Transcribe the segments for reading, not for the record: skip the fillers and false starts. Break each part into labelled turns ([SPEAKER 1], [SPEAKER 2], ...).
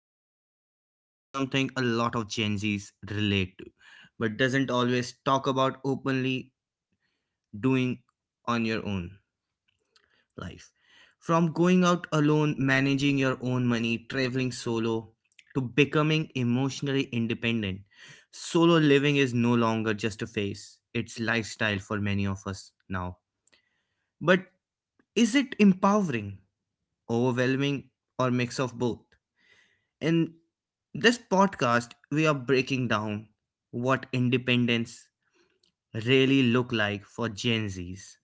[SPEAKER 1] today we are talking about something a lot of Gen Zs relate to, but doesn't always talk about openly doing on your own life. From going out alone, managing your own money, traveling solo, to becoming emotionally independent. Solo living is no longer just a phase, it's lifestyle for many of us now. But is it empowering, overwhelming, or mix of both? In this podcast, we are breaking down what independence really look like for Gen Zs.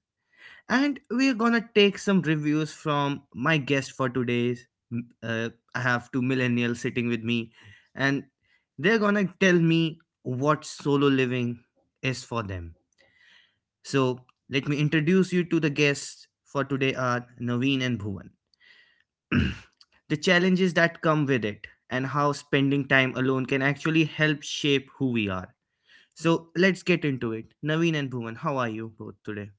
[SPEAKER 1] And we are gonna take some reviews from my guest for today's. m- Uh, I have two millennials sitting with me, and they're gonna tell me what solo living is for them. So let me introduce you to the guests for today are Naveen and Bhuvan. The challenges that come with it, and how spending time alone can actually help shape who we are. So let's get into it. Naveen and Bhuvan, how are you both today?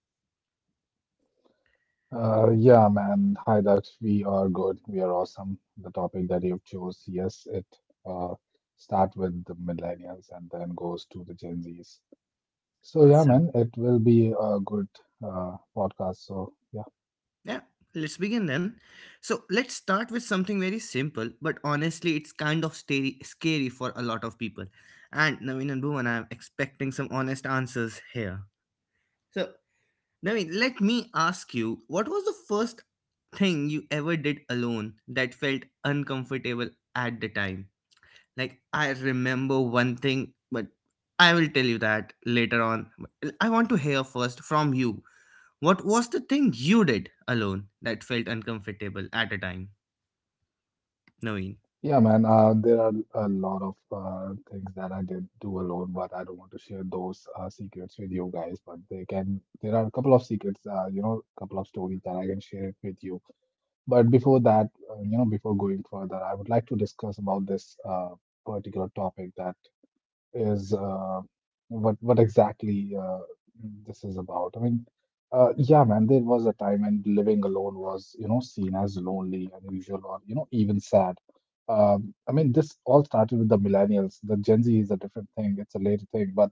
[SPEAKER 2] Yeah, man. Hi, Dux. We are good. We are awesome. The topic that you've chose, yes, it uh start with the millennials and then goes to the Gen Zs. So yeah,
[SPEAKER 1] Awesome.
[SPEAKER 2] man, it will be a good podcast. So yeah,
[SPEAKER 1] Yeah, let's begin then. So let's start with something very simple, but honestly, it's kind of scary for a lot of people. And Naveen and Bhuvan, I'm expecting some honest answers here. So, Naveen, let me ask you what was the first thing you ever did alone that felt uncomfortable at the time? Like, I remember one thing, but I will tell you that later on. I want to hear first from you what was the thing you did alone that felt uncomfortable at a time, Naveen.
[SPEAKER 2] yeah, man. There are a lot of things that I did do alone, but I don't want to share those secrets with you guys. But they can. There are a couple of secrets. A couple of stories that I can share it with you. But before that, before going further, I would like to discuss about this particular topic that is what exactly this is about. I mean, yeah, man, there was a time when living alone was, seen as lonely, unusual, or even sad. I mean, this all started with the millennials. The Gen Z is a different thing; it's a later thing, but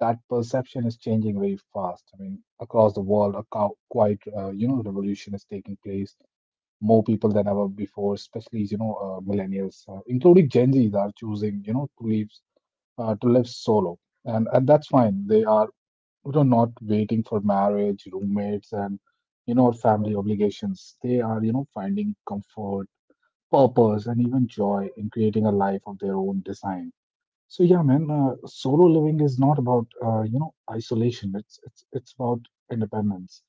[SPEAKER 2] that perception is changing very fast. I mean, across the world, quite revolution is taking place. More people than ever before, especially millennials, including Gen Zs, are choosing to leave to live solo, and that's fine. They are not waiting for marriage, roommates, and you know or family obligations. They are finding comfort, purpose, and even joy in creating a life of their own design. So yeah, man, solo living is not about isolation. It's about independence,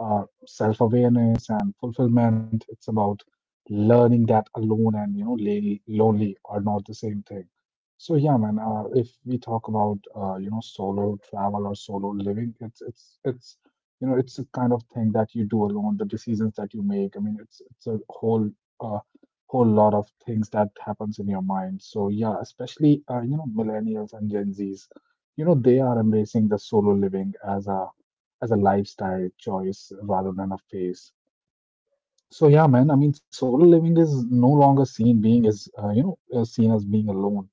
[SPEAKER 2] self-awareness, and fulfillment. It's about learning that alone and lonely are not the same thing. So yeah, man, if we talk about solo travel or solo living, it's you know it's a kind of thing that you do alone. The decisions that you make. I mean, it's a uh, whole lot of things that happens in your mind. So yeah, especially millennials and Gen Zs, they are embracing the solo living as a lifestyle choice rather than a phase. So yeah, man, I mean solo living is no longer seen being as seen as being alone.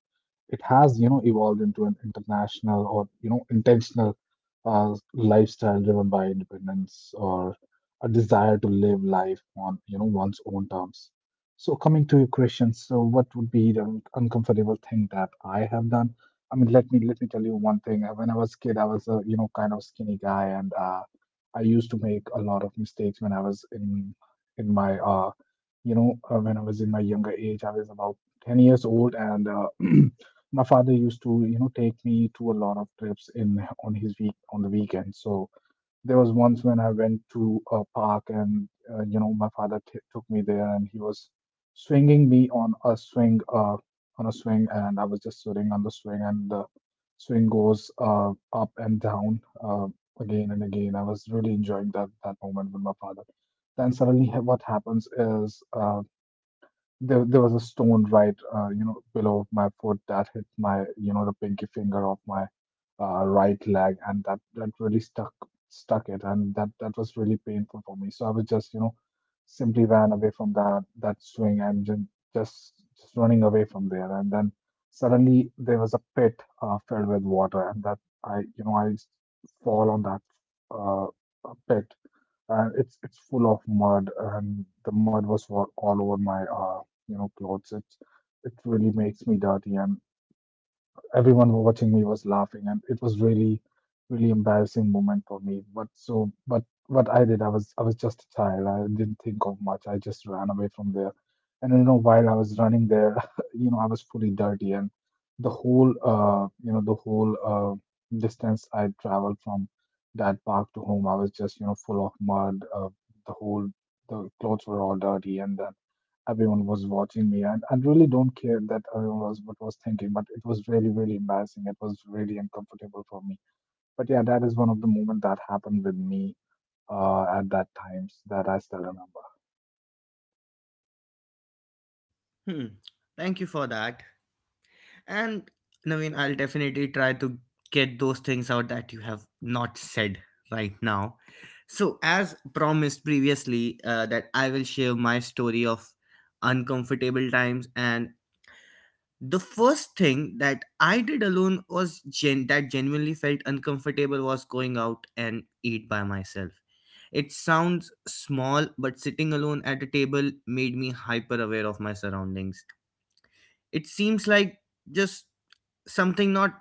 [SPEAKER 2] It has evolved into an international or intentional lifestyle driven by independence or a desire to live life on one's own terms. So coming to your question, so what would be the uncomfortable thing that I have done? I mean, let me tell you one thing. When I was a kid, I was a kind of skinny guy, and I used to make a lot of mistakes when I was in my you know when I was in my younger age. I was about 10 years old, and my father used to take me to a lot of trips in on his week on the weekend. So there was once when I went to a park, and my father took me there, and he was swinging me on a swing. And I was just sitting on the swing, and the swing goes up and down, uh, again and again. I was really enjoying that moment with my father. Then suddenly, what happens is, there was a stone right below my foot that hit my the pinky finger of my right leg, and that really stuck it, and that was really painful for me. So I was just simply ran away from that swing, and just running away from there. And then suddenly there was a pit, filled with water, and that I you know I fall on that uh, pit. And it's full of mud, and the mud was all over my clothes. It really makes me dirty, and everyone watching me was laughing, and it was really, really embarrassing moment for me. But so, but what I did, I was just a child. I didn't think of much. I just ran away from there, and while I was running there, I was fully dirty, and the whole distance I traveled from that park to home, I was just, full of mud. The whole the clothes were all dirty, and then everyone was watching me, and I really don't care that everyone was what was thinking, but it was really, really embarrassing. It was really uncomfortable for me. But yeah, that is one of the moments that happened with me at that times that I still remember.
[SPEAKER 1] Hmm, thank you for that. And Naveen, I'll definitely try to get those things out that you have not said right now. So, as promised previously, that I will share my story of uncomfortable times, and the first thing that I did alone was that genuinely felt uncomfortable was going out and eat by myself. It sounds small, but sitting alone at a table made me hyper aware of my surroundings. It seems like just something not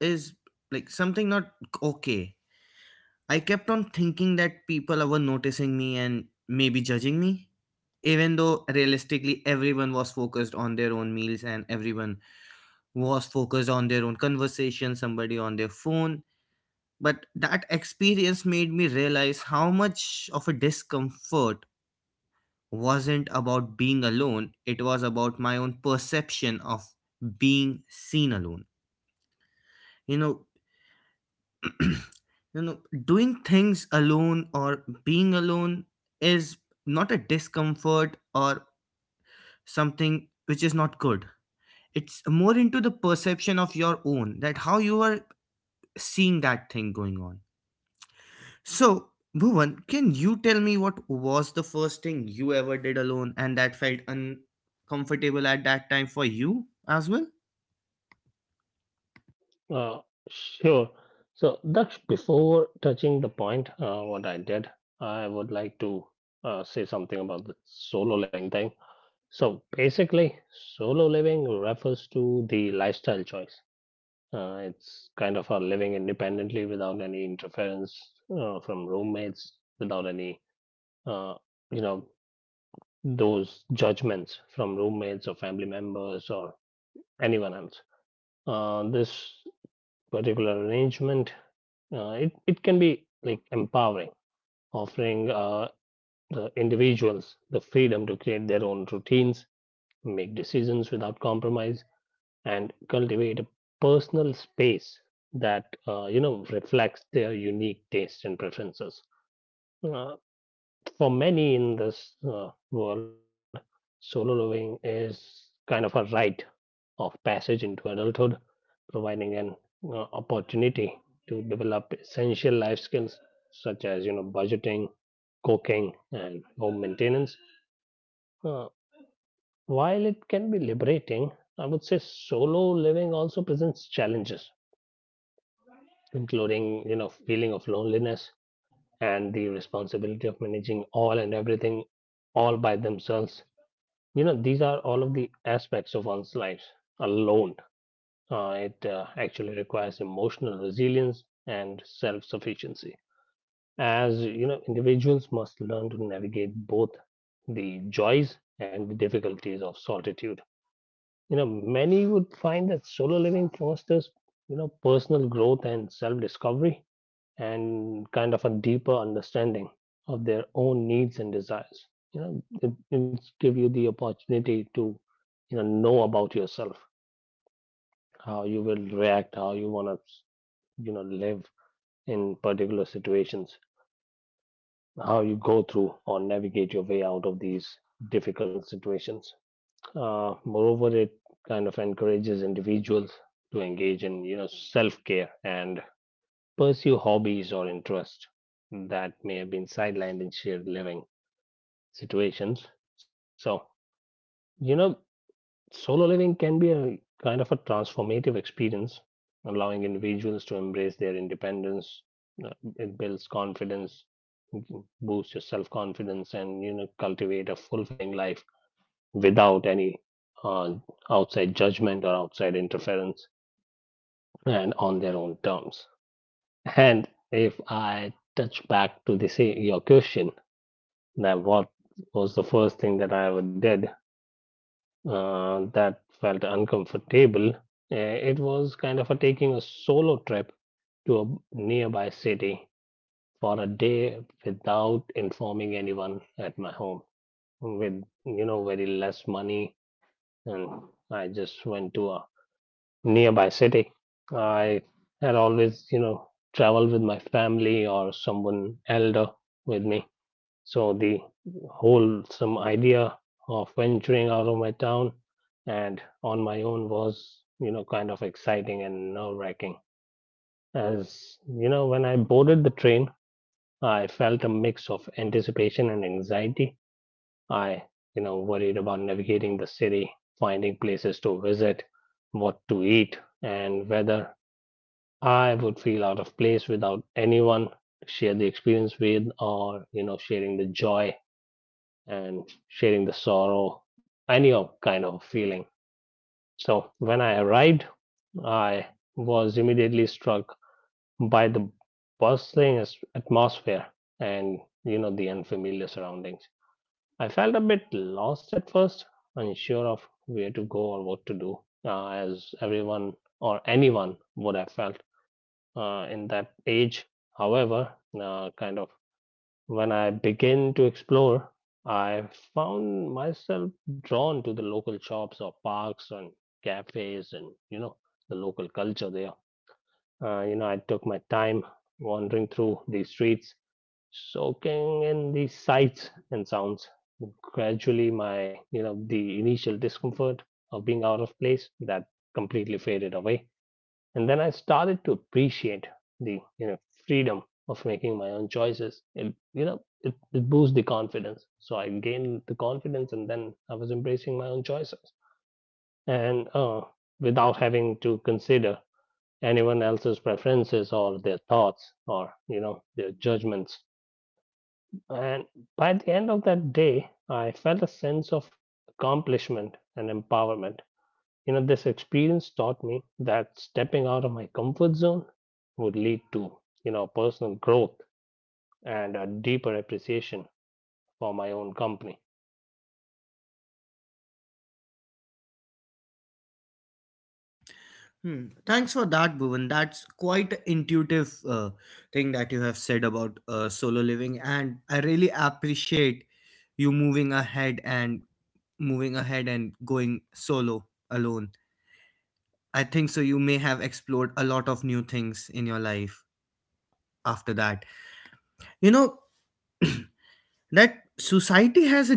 [SPEAKER 1] is like something not okay. I kept on thinking that people were noticing me and maybe judging me, even though realistically everyone was focused on their own meals and everyone was focused on their own conversation, somebody on their phone. But that experience made me realize how much of a discomfort wasn't about being alone, it was about my own perception of being seen alone. You know, you know, doing things alone or being alone is not a discomfort or something which is not good. It's more into the perception of your own that how you are seeing that thing going on. So, Bhuvan, can you tell me what was the first thing you ever did alone and that felt uncomfortable at that time for you as well?
[SPEAKER 3] Uh, sure. So, Daksh, before touching the point, what I did, I would like to say something about the solo living thing. So, basically, solo living refers to the lifestyle choice. It's kind of a living independently without any interference from roommates, without any, uh, you know, those judgments from roommates or family members or anyone else. This particular arrangement, it can be like empowering, offering the individuals the freedom to create their own routines, make decisions without compromise, and cultivate a personal space that reflects their unique tastes and preferences. Uh, for many in this world, solo living is kind of a rite of passage into adulthood, providing an opportunity to develop essential life skills such as budgeting, cooking, and home maintenance. Uh, while it can be liberating, I would say solo living also presents challenges, including feeling of loneliness and the responsibility of managing all and everything all by themselves. These are all of the aspects of one's life alone. It actually requires emotional resilience and self-sufficiency, as individuals must learn to navigate both the joys and the difficulties of solitude. Many would find that solo living fosters personal growth and self-discovery, and kind of a deeper understanding of their own needs and desires. It's give you the opportunity to know about yourself, how you will react, how you want to live in particular situations, how you go through or navigate your way out of these difficult situations. Moreover, it kind of encourages individuals to engage in self-care and pursue hobbies or interests that may have been sidelined in shared living situations. So, you know solo living can be a kind of a transformative experience, allowing individuals to embrace their independence. It builds confidence, boosts your self confidence, and cultivate a fulfilling life without any uh, outside judgment or outside interference, and on their own terms. And if I touch back to this your question, that what was the first thing that I ever did, that felt uncomfortable. It was kind of a taking a solo trip to a nearby city for a day without informing anyone at my home, with very less money, and I just went to a nearby city. I had always traveled with my family or someone elder with me, so the whole some idea of venturing out of my town and on my own was, you know, kind of exciting and nerve-wracking. As you know, when I boarded the train, I felt a mix of anticipation and anxiety. I, you know, worried about navigating the city, finding places to visit, what to eat, and whether I would feel out of place without anyone to share the experience with, or, you know, sharing the joy and sharing the sorrow, any kind of feeling. So when I arrived, I was immediately struck by the bustling atmosphere and the unfamiliar surroundings. I felt a bit lost at first, unsure of where to go or what to do, as everyone or anyone would have felt in that age. However, kind of when I began to explore, I found myself drawn to the local shops or parks and cafes and, you know, the local culture there. I took my time wandering through the streets, soaking in the sights and sounds. Gradually, the initial discomfort of being out of place that completely faded away, and then I started to appreciate the freedom of making my own choices. It you know it, it boosts the confidence, so I gained the confidence and then I was embracing my own choices, and without having to consider anyone else's preferences or their thoughts or their judgments. And by the end of that day, I felt a sense of accomplishment and empowerment. This experience taught me that stepping out of my comfort zone would lead to, personal growth and a deeper appreciation for my own company.
[SPEAKER 1] Hmm. Thanks for that, Bhuvan. That's quite a intuitive thing that you have said about solo living, and I really appreciate you moving ahead and going solo alone. I think so. You may have explored a lot of new things in your life after that. You know, that society has a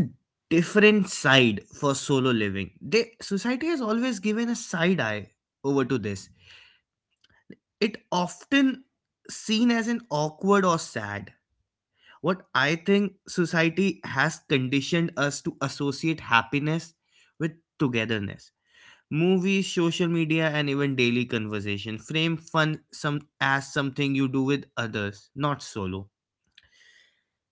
[SPEAKER 1] different side for solo living. Society has always given a side eye over to this. It often seen as an awkward or sad. What I think society has conditioned us to associate happiness with togetherness. Movies, social media, and even daily conversation frame fun some as something you do with others, not solo.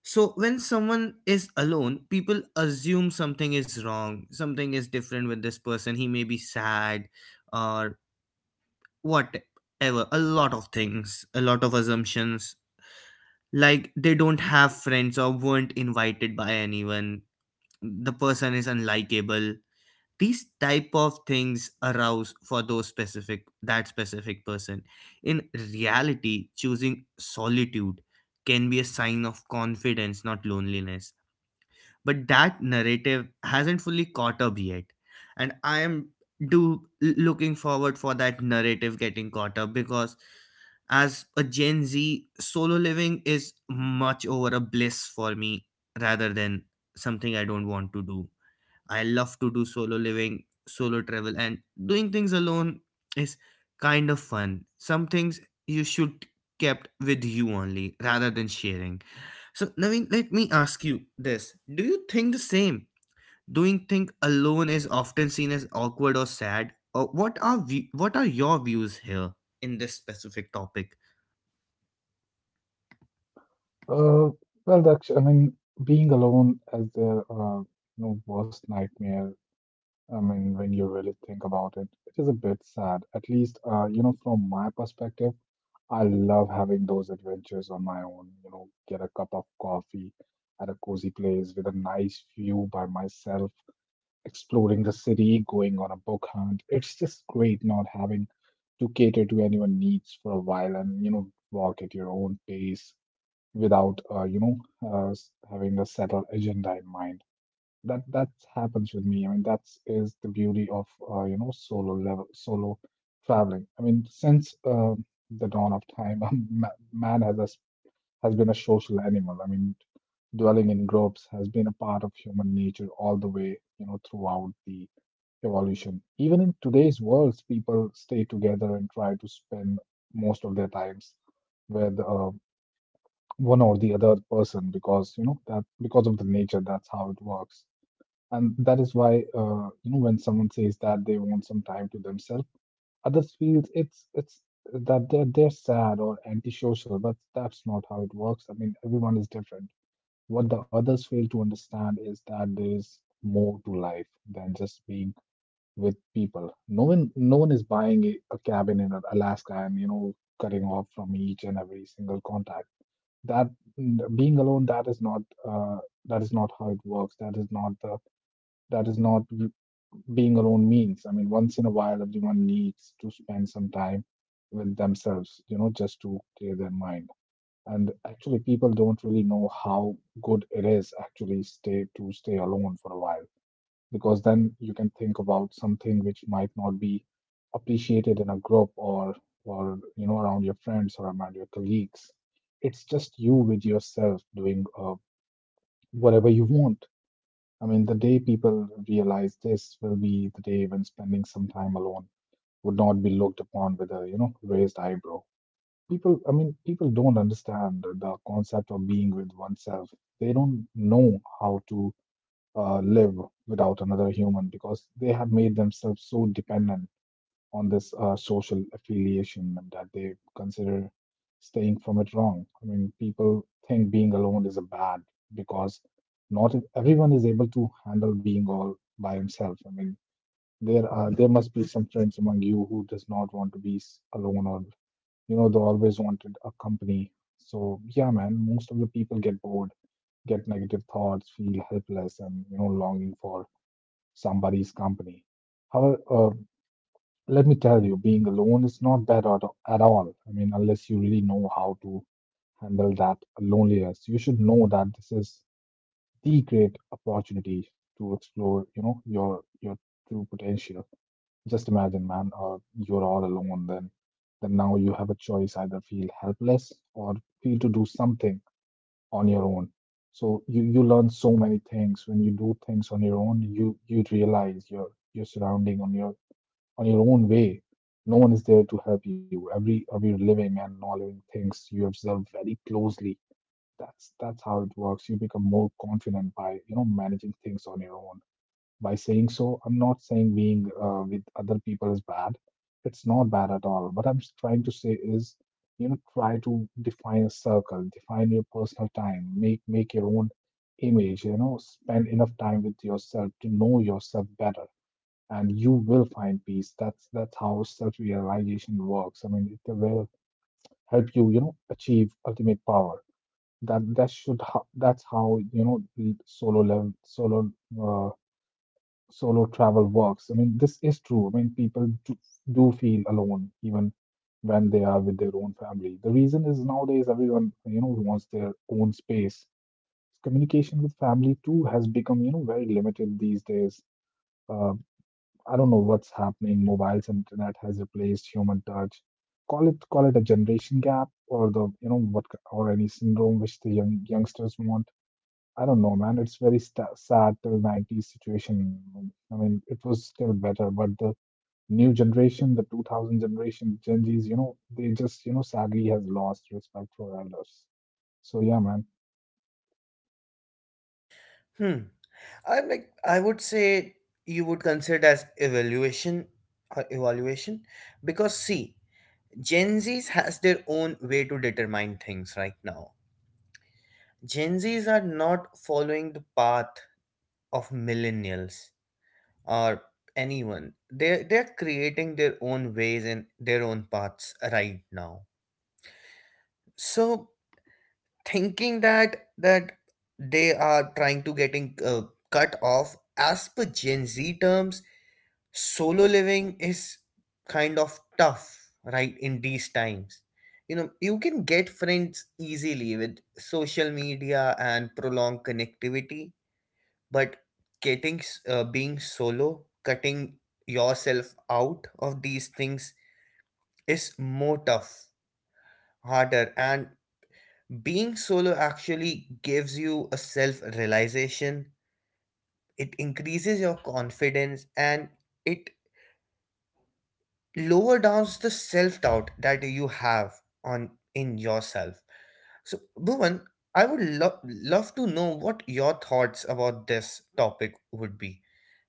[SPEAKER 1] So when someone is alone, people assume something is wrong, something is different with this person. He may be sad or whatever. A lot of things, a lot of assumptions. Like they don't have friends or weren't invited by anyone. The person is unlikable. These type of things arouse for those specific, that specific person. In reality, choosing solitude can be a sign of confidence, not loneliness, but that narrative hasn't fully caught up yet. And I am do looking forward for that narrative getting caught up because, as a Gen Z, solo living is much over a bliss for me rather than something I don't want to do. I love to do solo living, solo travel, and doing things alone is kind of fun. Some things you should kept with you only rather than sharing. So Naveen, let me ask you this. Do you think the same? Doing things alone is often seen as awkward or sad. Or what are we? What are your views here in this specific topic?
[SPEAKER 2] uh, well, Daksh, I mean being alone is the worst nightmare. I mean, when you really think about it, it is a bit sad. At least, from my perspective, I love having those adventures on my own. Get a cup of coffee at a cozy place with a nice view by myself, exploring the city, going on a book hunt. It's just great not having to cater to anyone's needs for a while, and, walk at your own pace without, having a settled agenda in mind. That happens with me. I mean, that is the beauty of solo traveling. I mean, since the dawn of time, man has been a social animal. I mean, dwelling in groups has been a part of human nature all the way throughout the evolution. Even in today's worlds, people stay together and try to spend most of their times with one or the other person, because you know that because of the nature, that's how it works. And that is why, when someone says that they want some time to themselves, others feel it's that they're sad or antisocial. But that's not how it works. I mean, everyone is different. What the others fail to understand is that there is more to life than just being with people. No one is buying a cabin in Alaska, and cutting off from each and every single contact that. Being alone, uh, that is not how it works. That is not the, that is not being alone means. I mean, once in a while, everyone needs to spend some time with themselves, just to clear their mind. And actually, people don't really know how good it is actually stay alone for a while, because then you can think about something which might not be appreciated in a group, or around your friends, or around your colleagues. It's just you with yourself doing whatever you want. I mean, the day people realize this will be the day when spending some time alone would not be looked upon with a, raised eyebrow. People, I mean, people don't understand the concept of being with oneself. They don't know how to live without another human, because they have made themselves so dependent on this social affiliation, and that they consider staying from it wrong. I mean, people think being alone is a bad, because not everyone is able to handle being all by himself. I mean, there must be some friends among you who does not want to be alone, or they always wanted a company. So yeah, man, most of the people get bored, get negative thoughts, feel helpless, and longing for somebody's company. However, let me tell you, being alone is not bad at all. I mean, unless you really know how to handle that loneliness, you should know that this is the great opportunity to explore, your true potential. Just imagine, man, you're all alone. Then now you have a choice: either feel helpless or feel to do something on your own. So you learn so many things when you do things on your own. You realize your surrounding on your own way. No one is there to help you. Every living and non-living things you observe very closely. That's how it works. You become more confident by managing things on your own. By saying so, I'm not saying being with other people is bad. It's not bad at all. What I'm trying to say is, you know, try to define a circle, define your personal time, make your own image. You know, spend enough time with yourself to know yourself better and you will find peace. That's how self-realization works. I mean, it will help you, you know, achieve ultimate power. That's how you know solo level solo uh, solo travel works. I mean, this is true. I mean, do feel alone even when they are with their own family. The reason is nowadays everyone you know wants their own space. Communication with family too has become you know very limited these days. Uh, I don't know what's happening. Mobiles and internet has replaced human touch. Call it a generation gap or the you know what or any syndrome which the youngsters want. I don't know, man. It's very sta sad till 90s situation. I mean, it was still better, but the new generation, the 2000 generation, Gen Zs, you know, they just you know sadly has lost respect for elders. So yeah, man.
[SPEAKER 1] Hmm. I would say you would consider it as evaluation because see Gen Zs has their own way to determine things right now. Gen Zs are not following the path of millennials or anyone. They're creating their own ways and their own paths right now. So thinking that they are trying to getting cut off as per Gen Z terms, solo living is kind of tough right in these times. You can get friends easily with social media and prolonged connectivity, but being solo, cutting yourself out of these things, is more tough, harder, and being solo actually gives you a self realization. It increases your confidence and it lower down the self doubt that you have on in yourself. So, Bhuvan, I would love to know what your thoughts about this topic would be.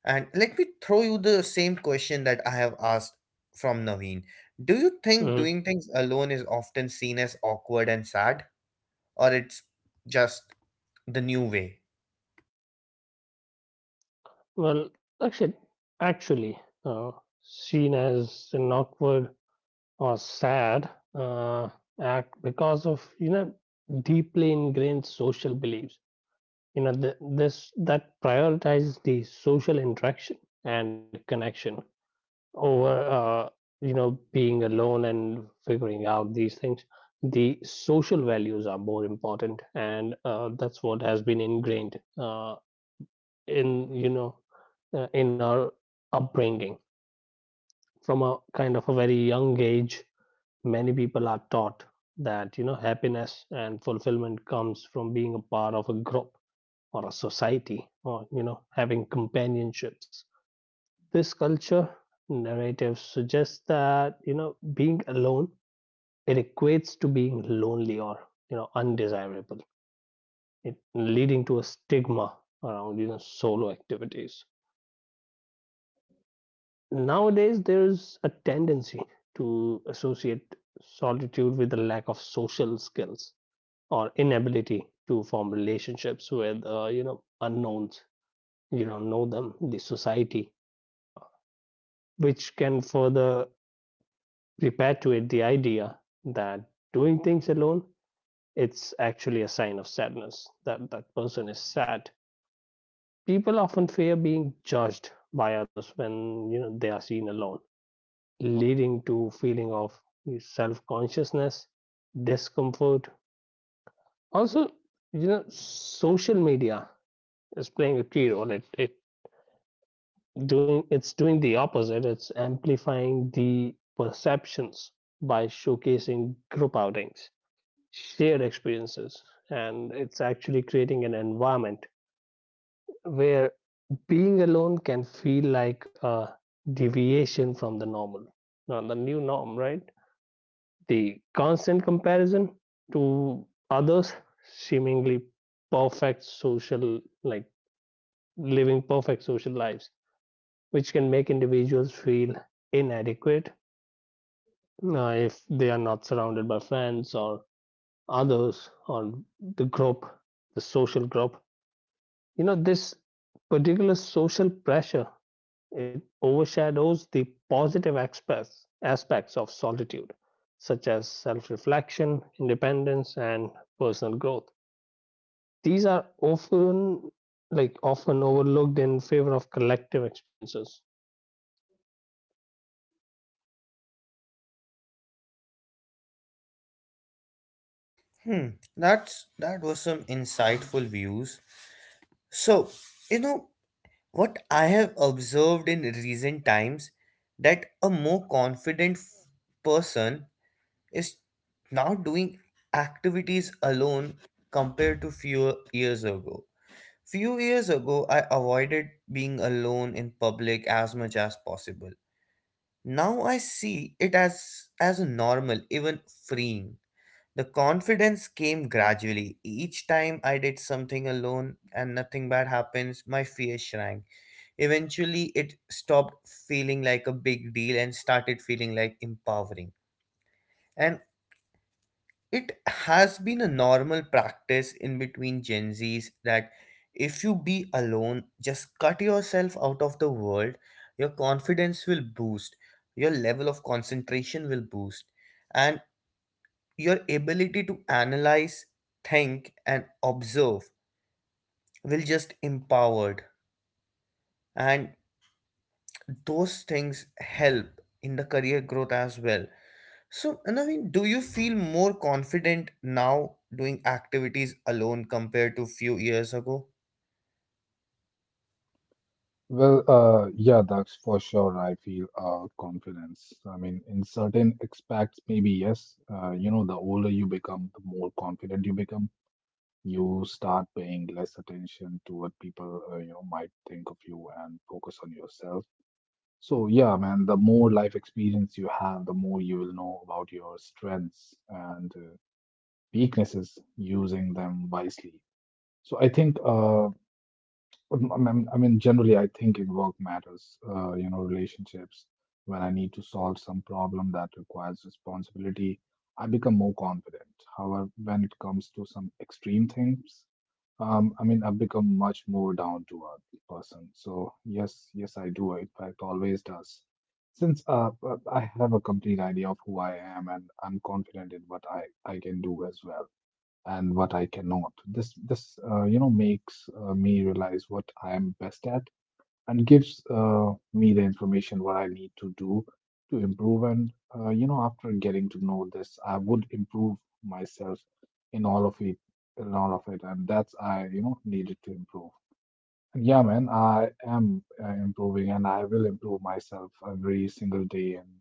[SPEAKER 1] And let me throw you the same question that I have asked from Naveen. Do you think
[SPEAKER 3] Mhm.
[SPEAKER 1] doing things alone is often seen as awkward and sad, or it's just the new way?
[SPEAKER 3] Well, actually, actually, seen as an awkward or sad act because of deeply ingrained social beliefs. This that prioritize the social interaction and connection over being alone and figuring out these things. The social values are more important, and that's what has been ingrained in you know in our upbringing. From a kind of a very young age, many people are taught that happiness and fulfillment comes from being a part of a group or a society, or having companionships. This culture narrative suggests that being alone, it equates to being lonely or undesirable, it, leading to a stigma around solo activities. Nowadays, there's a tendency to associate solitude with a lack of social skills or inability to form relationships with unknowns. You don't know them, the society, uh, which can further repatriate the idea that doing things alone, it's actually a sign of sadness, that that person is sad. People often fear being judged by others when they are seen alone, leading to feeling of self-consciousness, discomfort. Also, social media is playing a key role. It's doing the opposite. It's amplifying the perceptions by showcasing group outings, shared experiences, and it's actually creating an environment where being alone can feel like a deviation from the normal, now the new norm, right? The constant comparison to others seemingly perfect social, like, living perfect social lives, which can make individuals feel inadequate if they are not surrounded by friends or others or the group, the social group. This particular social pressure, it overshadows the positive aspects of solitude, such as self-reflection, independence, and personal growth. These are often overlooked in favor of collective experiences.
[SPEAKER 1] Hmm, that was some insightful views. So, you know, what I have observed in recent times that a more confident person is now doing activities alone compared to few years ago. Few years ago, I avoided being alone in public as much as possible. Now I see it as normal, even freeing. The confidence came gradually. Each time I did something alone and nothing bad happens, my fear shrank. Eventually, it stopped feeling like a big deal and started feeling like empowering. And it has been a normal practice in between Gen Zs that if you be alone, just cut yourself out of the world, your confidence will boost, your level of concentration will boost, and your ability to analyze, think, and observe will just empowered. And those things help in the career growth as well. So, Naveen, do you feel more confident now doing activities alone compared to few years ago?
[SPEAKER 2] Well, yeah, that's for sure. I feel confidence. I mean, in certain aspects, maybe yes. You know, the older you become, the more confident you become. You start paying less attention to what people, you know, might think of you and focus on yourself. So, yeah, man, the more life experience you have, the more you will know about your strengths and weaknesses, using them wisely. So, I think I mean, generally, I think in work matters, you know, relationships, when I need to solve some problem that requires responsibility, I become more confident. However, when it comes to some extreme things, I mean, I've become much more down to earth person. So yes, yes, I do. In fact, always does. Since I have a complete idea of who I am and I'm confident in what I can do as well and what I cannot. This you know makes me realize what I am best at and gives me the information what I need to do to improve. And you know after getting to know this, I would improve myself in all of it, in all of it, and that's I you know needed to improve. And yeah, man, I am improving, and I will improve myself every single day. And.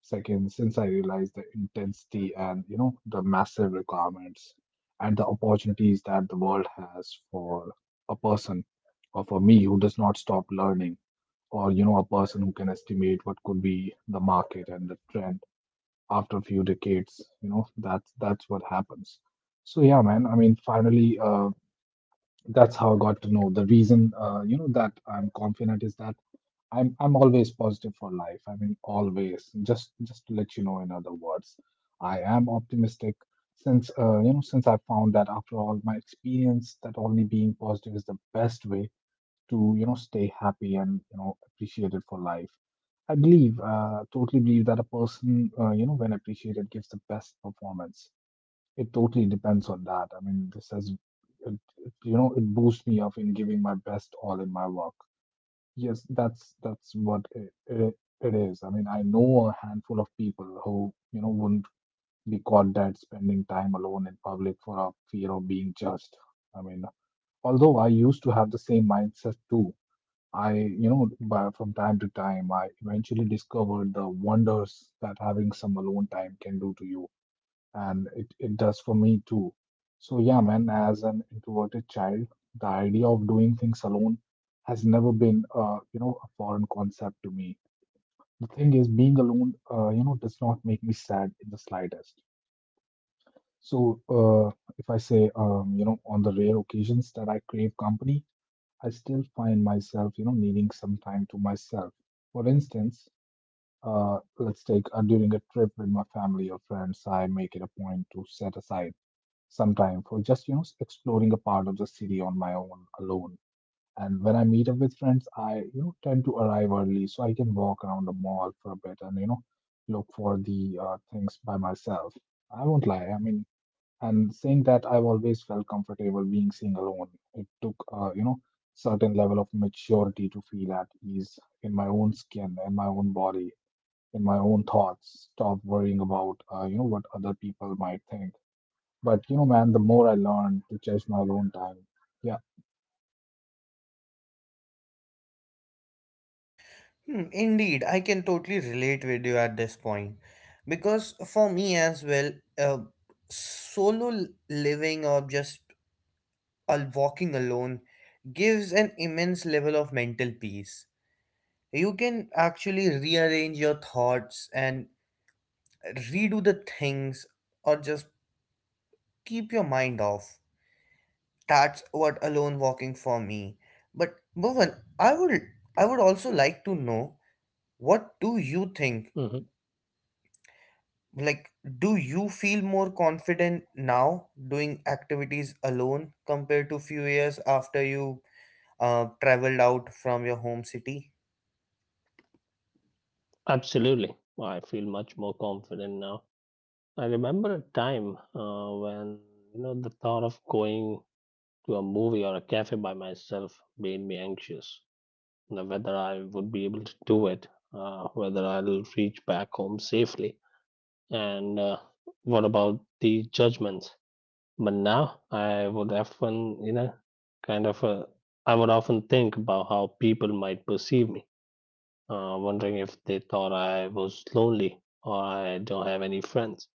[SPEAKER 2] Second, since I realized the intensity and you know the massive requirements and the opportunities that the world has for a person or for me who does not stop learning or you know a person who can estimate what could be the market and the trend after a few decades you know that's what happens. So yeah, man, I mean finally, that's how I got to know the reason you know that I'm confident is that I'm always positive for life. I mean, always. Just to let you know, in other words, I am optimistic since you know since I found that after all my experience, that only being positive is the best way to you know stay happy and you know appreciated for life. I believe, totally believe that a person you know when appreciated gives the best performance. It totally depends on that. I mean, this has it, it, you know it boosts me up in giving my best all in my work. Yes, that's what it is. I mean, I know a handful of people who, you know, wouldn't be caught dead spending time alone in public for a fear of being judged. I mean, although I used to have the same mindset too, you know, from time to time, I eventually discovered the wonders that having some alone time can do to you and it does for me too. So yeah, man, as an introverted child, the idea of doing things alone has never been, you know, a foreign concept to me. The thing is, being alone, you know, does not make me sad in the slightest. So if I say, you know, on the rare occasions that I crave company, I still find myself, you know, needing some time to myself. For instance, let's take during a trip with my family or friends, I make it a point to set aside some time for just you know exploring a part of the city on my own alone. And when I meet up with friends, I you know tend to arrive early so I can walk around the mall for a bit and you know look for the things by myself. I won't lie. I mean, and saying that, I've always felt comfortable being seen alone. It took you know certain level of maturity to feel at ease in my own skin, in my own body, in my own thoughts. Stop worrying about you know what other people might think but you know, man, the more I learn to chase my own time. Yeah.
[SPEAKER 1] Hmm, indeed, I can totally relate with you at this point because for me as well, uh, solo living or just walking alone gives an immense level of mental peace. You can actually rearrange your thoughts and redo the things or just keep your mind off. That's what alone walking for me. But Bhuvan, I would I would also like to know what do you think?
[SPEAKER 3] Hmm.
[SPEAKER 1] Like, do you feel more confident now doing activities alone compared to few years after you traveled out from your home city?
[SPEAKER 3] Absolutely. I feel much more confident now. I remember a time when, the thought of going to a movie or a cafe by myself made me anxious. Now, whether I would be able to do it, whether I'll reach back home safely, and what about the judgments? But now I would often, you know, kind of, I would often think about how people might perceive me, wondering if they thought I was lonely or I don't have any friends.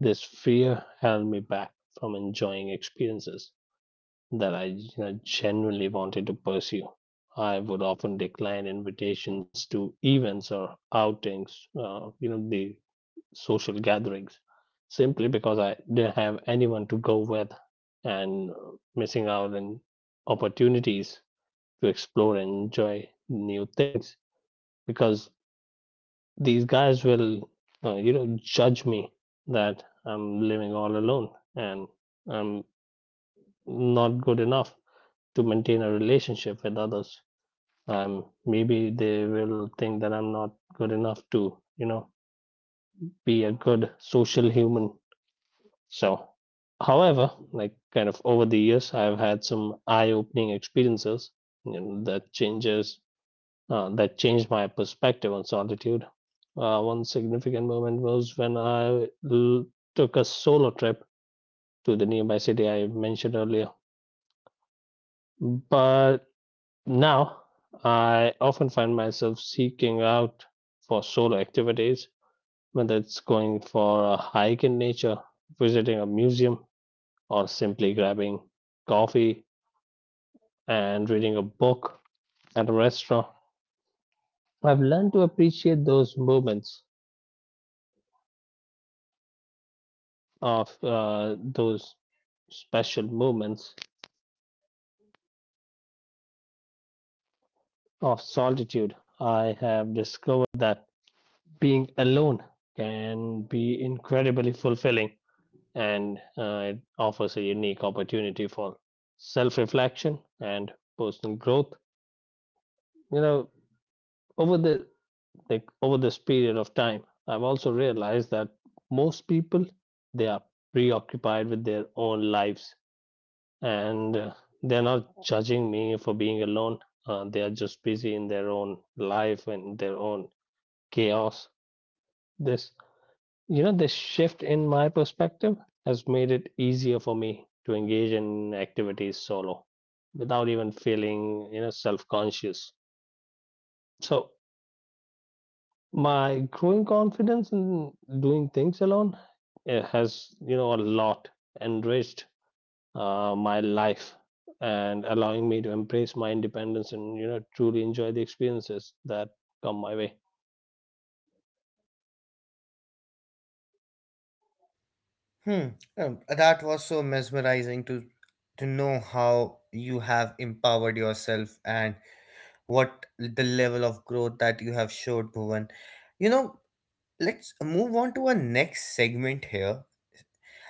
[SPEAKER 3] This fear held me back from enjoying experiences that I genuinely wanted to pursue. I would often decline invitations to events or outings, the social gatherings, simply because I didn't have anyone to go with, and missing out on opportunities to explore and enjoy new things, because these guys will, judge me that I'm living all alone and I'm not good enough to maintain a relationship with others. Maybe they will think that I'm not good enough to, be a good social human. So, however, like kind of over the years, I've had some eye-opening experiences, you know, that changes that changed my perspective on solitude. One significant moment was when I took a solo trip to the nearby city I mentioned earlier. But now, I often find myself seeking out for solo activities, whether it's going for a hike in nature, visiting a museum, or simply grabbing coffee and reading a book at a restaurant. I've learned to appreciate those special moments of solitude. I have discovered that being alone can be incredibly fulfilling, and it offers a unique opportunity for self reflection and personal growth. You know, over the like over this period of time, I've also realized that most people, they are preoccupied with their own lives, and they're not judging me for being alone. They are just busy in their own life and their own chaos. This this shift in my perspective has made it easier for me to engage in activities solo without even feeling, self conscious. So, my growing confidence in doing things alone, has, a lot enriched my life, and allowing me to embrace my independence and, truly enjoy the experiences that come my way.
[SPEAKER 1] Hmm. That was so mesmerizing to know how you have empowered yourself and what the level of growth that you have showed, Bhuvan. You know, let's move on to our next segment here.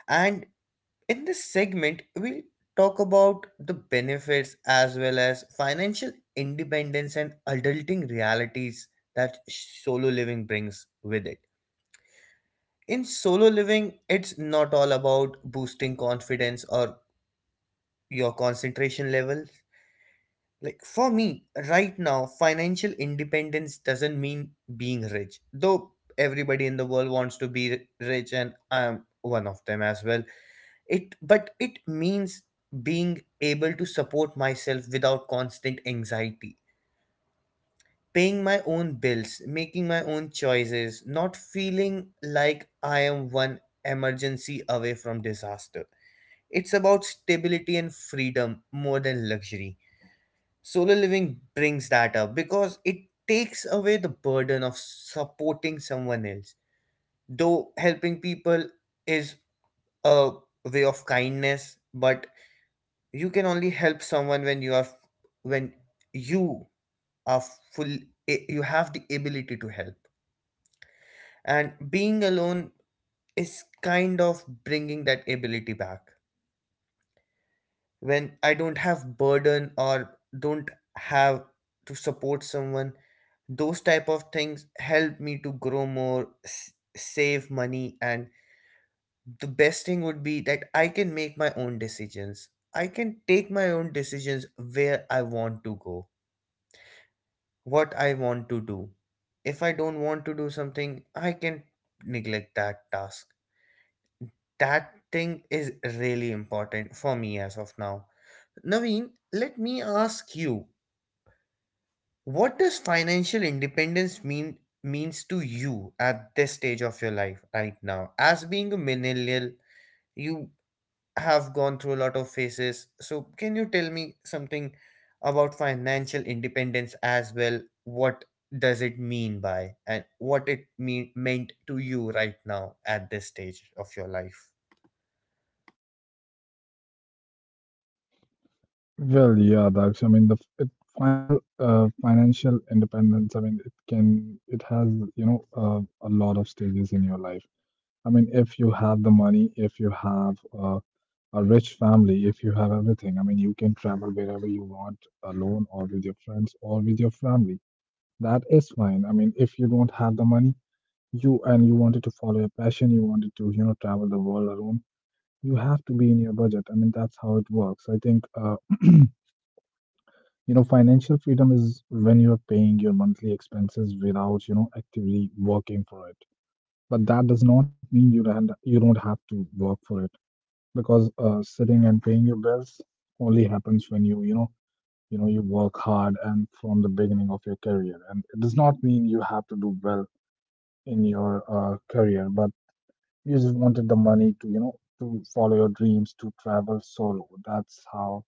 [SPEAKER 1] And in this segment, we'll talk about the benefits as well as financial independence and adulting realities that solo living brings with it. In solo living, it's not all about boosting confidence or your concentration levels. Like for me, right now, financial independence doesn't mean being rich, though everybody in the world wants to be rich, and I am one of them as well. It means being able to support myself without constant anxiety, paying my own bills, making my own choices, not feeling like I am one emergency away from disaster. It's about stability and freedom more than luxury. Solo living brings that up because it takes away the burden of supporting someone else. Though helping people is a way of kindness, but you can only help someone when you are full, you have the ability to help. And being alone is kind of bringing that ability back. When I don't have burden or don't have to support someone, those type of things help me to grow more, save money, and the best thing would be that I can make my own decisions. I can take my own decisions where I want to go, what I want to do. If I don't want to do something, I can neglect that task. That thing is really important for me as of now. Naveen, let me ask you. What does financial independence mean means to you at this stage of your life right now? As being a millennial, you have gone through a lot of phases. So can you tell me something about financial independence as well? What does it mean by and what it meant to you right now at this stage of your life?
[SPEAKER 2] Well, yeah, Daksh. I mean, the f- it, final financial independence. I mean, it has you know a lot of stages in your life. I mean, if you have the money, if you have a rich family, if you have everything, I mean, you can travel wherever you want alone or with your friends or with your family. That is fine. I mean, if you don't have the money, you wanted to follow your passion, you wanted to you know travel the world alone. You have to be in your budget. I mean, that's how it works. I think, you know, financial freedom is when you're paying your monthly expenses without, you know, actively working for it. But that does not mean you don't have to work for it because sitting and paying your bills only happens when you know, you work hard and from the beginning of your career. And it does not mean you have to do well in your career, but you just wanted the money to, you know, to follow your dreams, to travel solo. That's how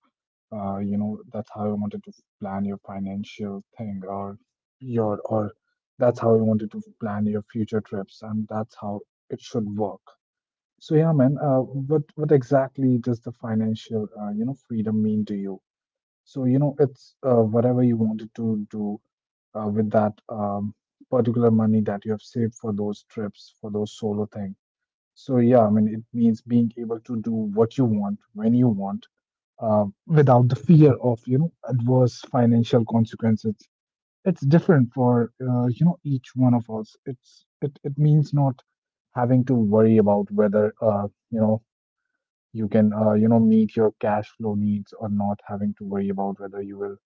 [SPEAKER 2] you know that's how you wanted to plan your financial thing or your or that's how you wanted to plan your future trips and that's how it should work. So yeah, man, what exactly does the financial you know freedom mean to you? So you know it's whatever you wanted to do with that particular money that you have saved for those trips for those solo things. So yeah, I mean, it means being able to do what you want when you want, without the fear of you know adverse financial consequences. It's different for you know each one of us. It means not having to worry about whether you know you can you know meet your cash flow needs or not, having to worry about whether you will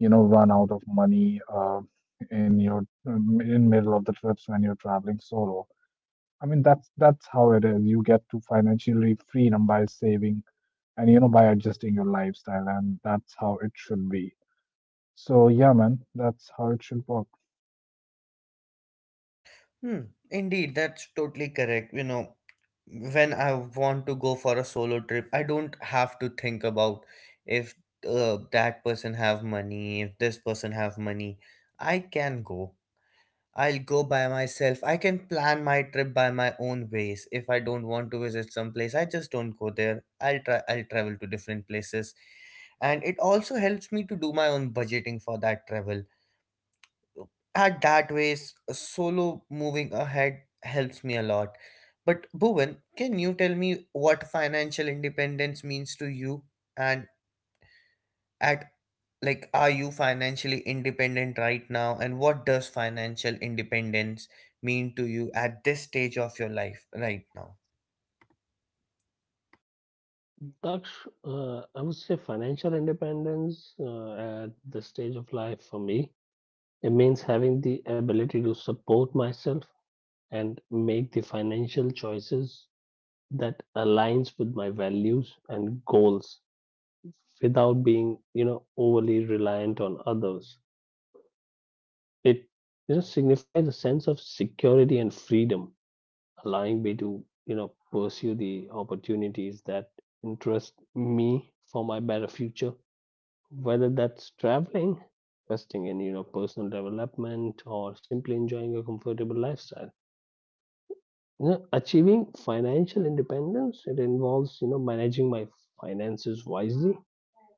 [SPEAKER 2] you know run out of money in your in middle of the trips when you're traveling solo. I mean, that's how it is. You get to financially freedom by saving and you know by adjusting your lifestyle, and that's how it should be. So yeah, man, that's how it should work.
[SPEAKER 1] Hmm, indeed, that's totally correct. You know, when I want to go for a solo trip, I don't have to think about if that person have money, if this person have money. I can go. I'll go by myself. I can plan my trip by my own ways. If I don't want to visit some place, I just don't go there. I'll travel to different places. And it also helps me to do my own budgeting for that travel at that ways, solo moving ahead helps me a lot. But Bhuvan, can you tell me what financial independence means to you? And at Like, are you financially independent right now? And what does financial independence mean to you at this stage of your life right now?
[SPEAKER 3] Daksh, I would say financial independence at this stage of life for me, it means having the ability to support myself and make the financial choices that aligns with my values and goals without being, overly reliant on others. It signifies a sense of security and freedom, allowing me to, pursue the opportunities that interest me for my better future, whether that's traveling, investing in, personal development, or simply enjoying a comfortable lifestyle. Achieving financial independence, it involves, managing my finances wisely,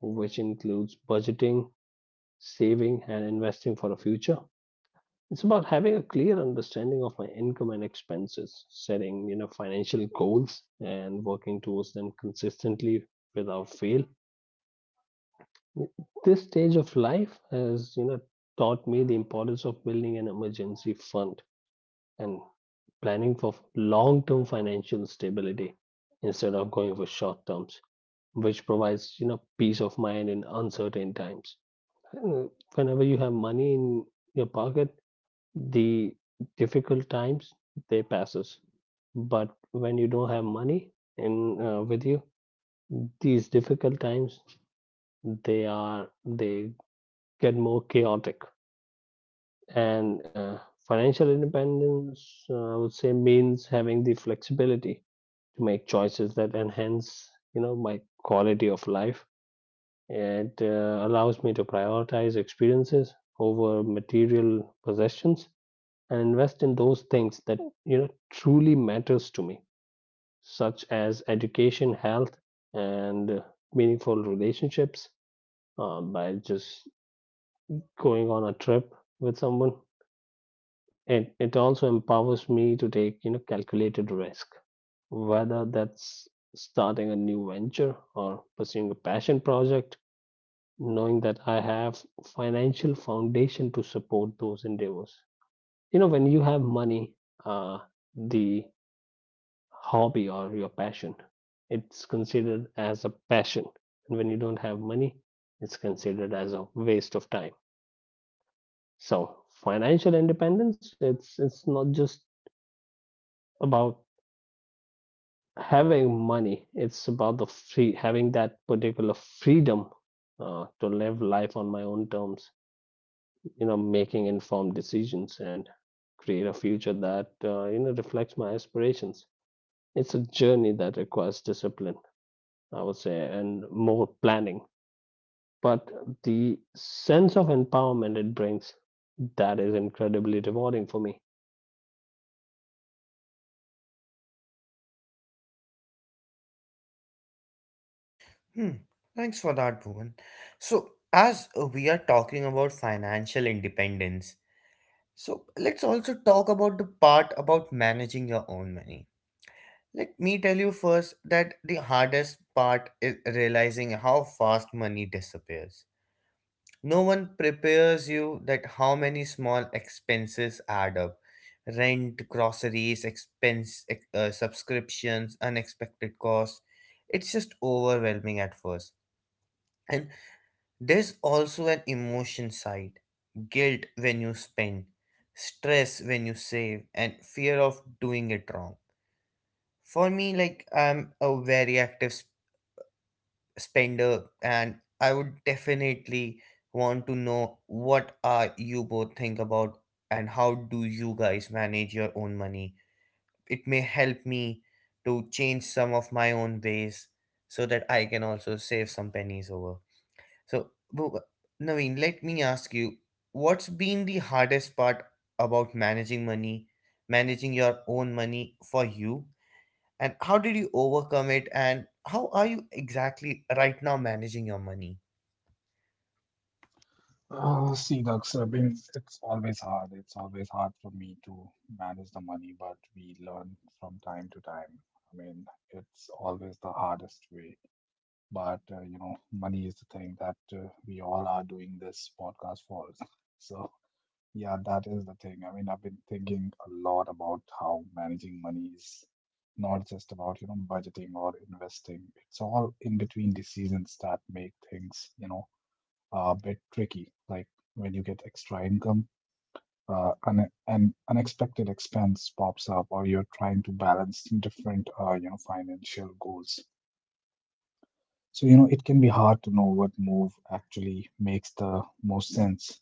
[SPEAKER 3] which includes budgeting, saving, and investing for the future. It's about having a clear understanding of my income and expenses, setting, financial goals, and working towards them consistently without fail. This stage of life has, taught me the importance of building an emergency fund and planning for long-term financial stability instead of going for short terms, which provides, peace of mind in uncertain times. Uh, Whenever you have money in your pocket, the difficult times, they passes. But when you don't have money in with you, these difficult times, they get more chaotic, and financial independence, I would say, means having the flexibility to make choices that enhance, my quality of life. It allows me to prioritize experiences over material possessions and invest in those things that, truly matters to me, such as education, health, and meaningful relationships, by just going on a trip with someone. It also empowers me to take, calculated risk, whether that's starting a new venture or pursuing a passion project, knowing that I have financial foundation to support those endeavors. You know, when you have money, uh, the hobby or your passion, it's considered as a passion, and when you don't have money, it's considered as a waste of time. So financial independence, it's not just about having money, it's about the free having that particular freedom to live life on my own terms, you know, making informed decisions and create a future that, you know, reflects my aspirations. It's a journey that requires discipline, I would say, and more planning, but the sense of empowerment it brings, that is incredibly rewarding for me.
[SPEAKER 1] Hmm. Thanks for that, Bhuvan. So, as we are talking about financial independence, so let's also talk about the part about managing your own money. Let me tell you first that the hardest part is realizing how fast money disappears. No one prepares you that how many small expenses add up. Rent, groceries, expense, subscriptions, unexpected costs. It's just overwhelming at first. And there's also an emotion side, guilt when you spend, stress when you save, and fear of doing it wrong. For me, like, I'm a very active spender, and I would definitely want to know what are you both think about and how do you guys manage your own money. It may help me to change some of my own ways so that I can also save some pennies over. So bu- bu- Naveen, let me ask you, what's been the hardest part about managing money, managing your own money for you? And how did you overcome it, and how are you exactly right now managing your money?
[SPEAKER 2] Oh, see, Dux, I mean, it's always hard. It's always hard for me to manage the money, but we learn from time to time. I mean, it's always the hardest way. But you know, money is the thing that we all are doing this podcast for. So yeah, that is the thing. I mean, I've been thinking a lot about how managing money is not just about, you know, budgeting or investing. It's all in between decisions that make things, you know, a bit tricky. Like when you get extra income, an unexpected expense pops up, or you're trying to balance different, you know, financial goals. So, you know, it can be hard to know what move actually makes the most sense.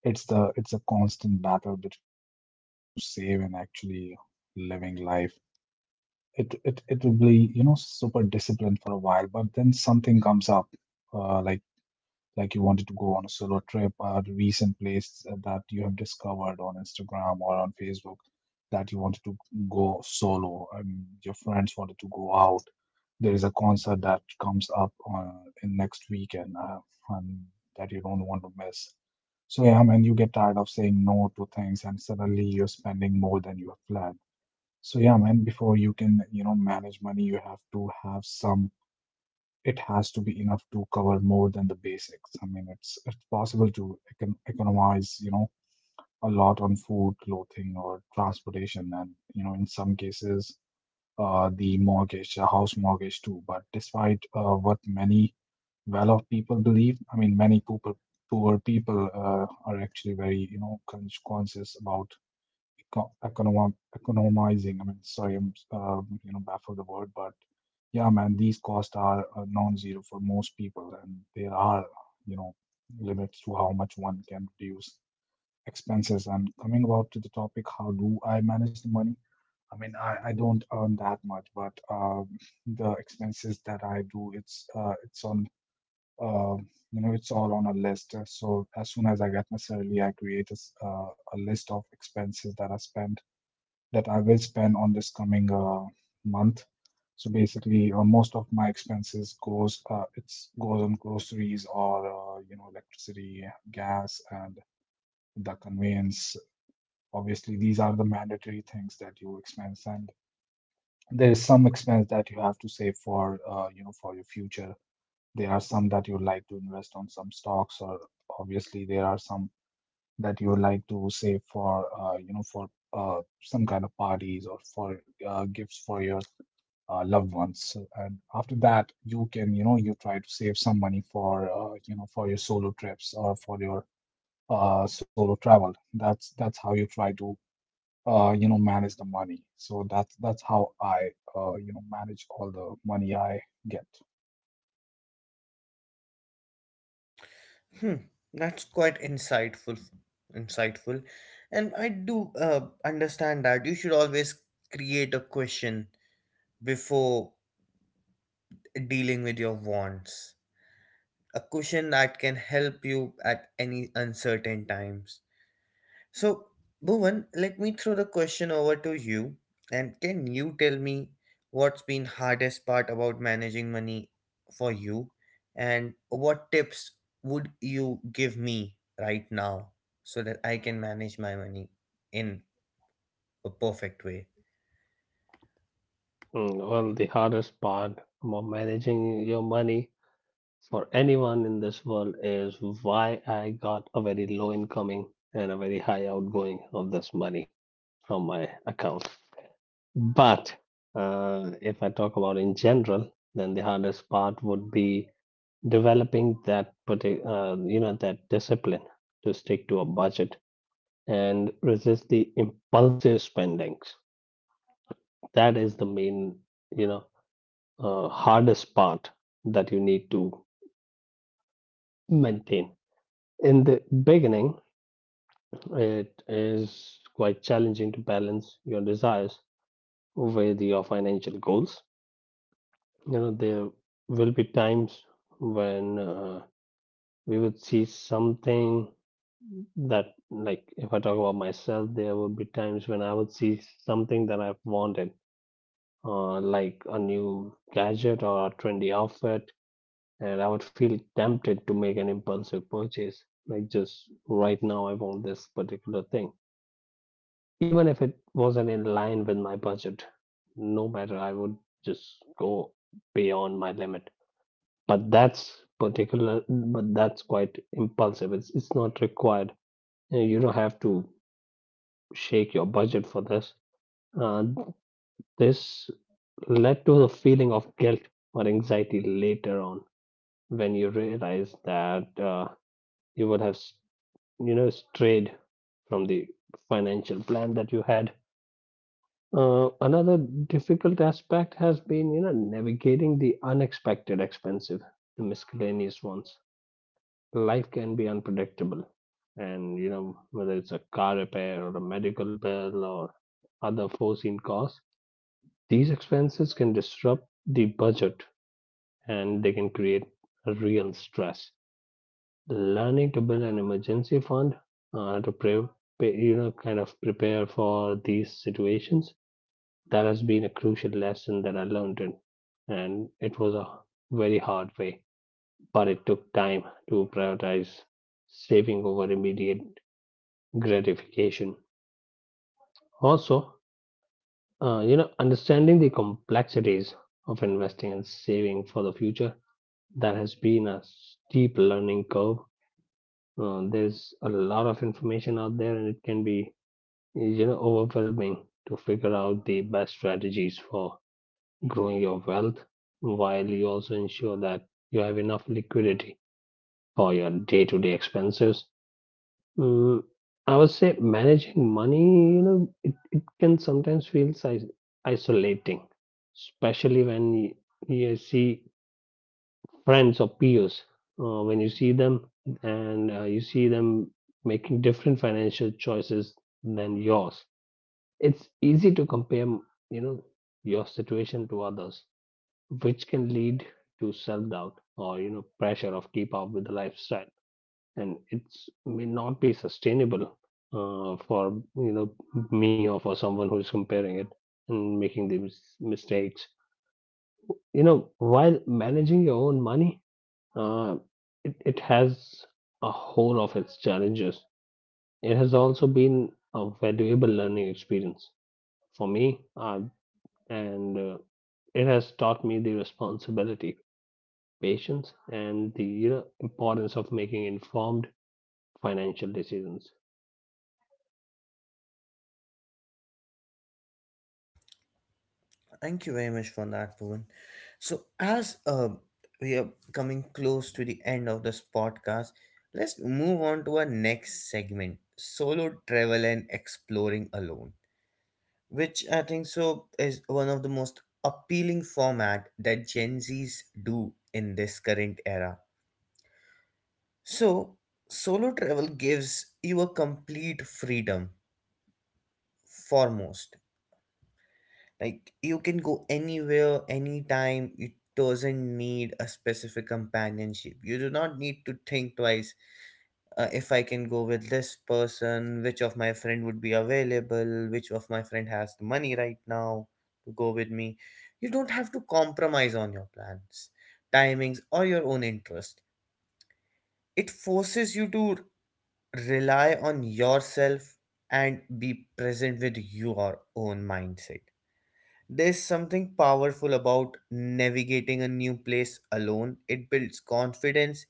[SPEAKER 2] It's a constant battle between you know wanting to save and actually living life. It will be you know super disciplined for a while but then something comes up, like you wanted to go on a solo trip, a recent place that you have discovered on Instagram or on Facebook that you wanted to go solo. I mean, your friends wanted to go out. There is a concert that comes up on in next weekend and that you don't want to miss. So yeah, man, you get tired of saying no to things and suddenly you're spending more than you have planned. So yeah, man, before you can, manage money, you have to have some. It has to be enough to cover more than the basics. I mean, it's possible to economize, a lot on food, clothing, or transportation, and in some cases, the mortgage, a house mortgage too. But despite what many well-off people believe, I mean, many poor people are actually very, conscious about economizing. I mean, sorry, I'm baffled the word, but yeah, man, these costs are non-zero for most people, and there are you know limits to how much one can reduce expenses. And coming about to the topic, how do I manage the money? I mean, I don't earn that much, but the expenses that I do, it's on uh, it's all on a list. So as soon as I get my salary, I create a, a list of expenses that I spend that I will spend on this coming month. So basically, most of my expenses goes on groceries or electricity, gas, and the conveyance. Obviously, these are the mandatory things that you expense, and there is some expense that you have to save for for your future. There are some that you like to invest on some stocks, or obviously there are some that you like to save for for some kind of parties or for gifts for your loved ones. So, and after that, you can you try to save some money for for your solo trips or for your solo travel. That's how you try to manage the money. So that's how I manage all the money I get.
[SPEAKER 1] Hmm, that's quite insightful. And I do understand that you should always create a question before dealing with your wants, a cushion that can help you at any uncertain times. So, Bhuvan, let me throw the question over to you. And can you tell me what's been hardest part about managing money for you? And what tips would you give me right now so that I can manage my money in a perfect way?
[SPEAKER 3] Mm, well, the hardest part about managing your money for anyone in this world is why I got a very low incoming and a very high outgoing of this money from my account. But if I talk about in general, then the hardest part would be developing that particular, you know, that discipline to stick to a budget and resist the impulsive spendings. That is the main, you know, hardest part that you need to maintain in the beginning. It is quite challenging to balance your desires with your financial goals. You know, there will be times when we would see something that, like, if I talk about myself, there would be times when I would see something that I've wanted, like a new gadget or a trendy outfit, and I would feel tempted to make an impulsive purchase. Like, just right now, I want this particular thing, even if it wasn't in line with my budget. No matter, I would just go beyond my limit. But that's particular, but that's quite impulsive. It's not required. You know, you don't have to shake your budget for this. Uh, this led to the feeling of guilt or anxiety later on, when you realize that, you would have, you know, strayed from the financial plan that you had. Another difficult aspect has been, you know, navigating the unexpected expensive, the miscellaneous ones. Life can be unpredictable, and you know, whether it's a car repair or a medical bill or other foreseen costs, these expenses can disrupt the budget, and they can create a real stress. Learning to build an emergency fund to pay, you know, kind of prepare for these situations, that has been a crucial lesson that I learned in, and it was a very hard way. But it took time to prioritize saving over immediate gratification. Also, you know, understanding the complexities of investing and saving for the future, that has been a steep learning curve. There's a lot of information out there, and it can be, you know, overwhelming to figure out the best strategies for growing your wealth while you also ensure that you have enough liquidity for your day-to-day expenses. Mm, I would say managing money, you know, it can sometimes feel isolating, especially when you see friends or peers, when you see them, and you see them making different financial choices than yours. It's easy to compare, you know, your situation to others, which can lead to self-doubt or, you know, pressure of keep up with the lifestyle, and it's may not be sustainable for, you know, me or for someone who's comparing it and making these mistakes, you know, while managing your own money. Uh, it has a whole of its challenges. It has also been a valuable learning experience for me, and it has taught me the responsibility, patience, and the, you know, importance of making informed financial decisions.
[SPEAKER 1] Thank you very much for that, Bhuvan. So, as we are coming close to the end of this podcast, let's move on to our next segment, solo travel and exploring alone, which I think so is one of the most appealing format that Gen Zs do in this current era. So, solo travel gives you a complete freedom foremost. Like, you can go anywhere, anytime. It doesn't need a specific companionship. You do not need to think twice. If I can go with this person, which of my friend would be available, which of my friend has the money right now to go with me. You don't have to compromise on your plans, timings, or your own interest. It forces you to rely on yourself and be present with your own mindset. There's something powerful about navigating a new place alone. It builds confidence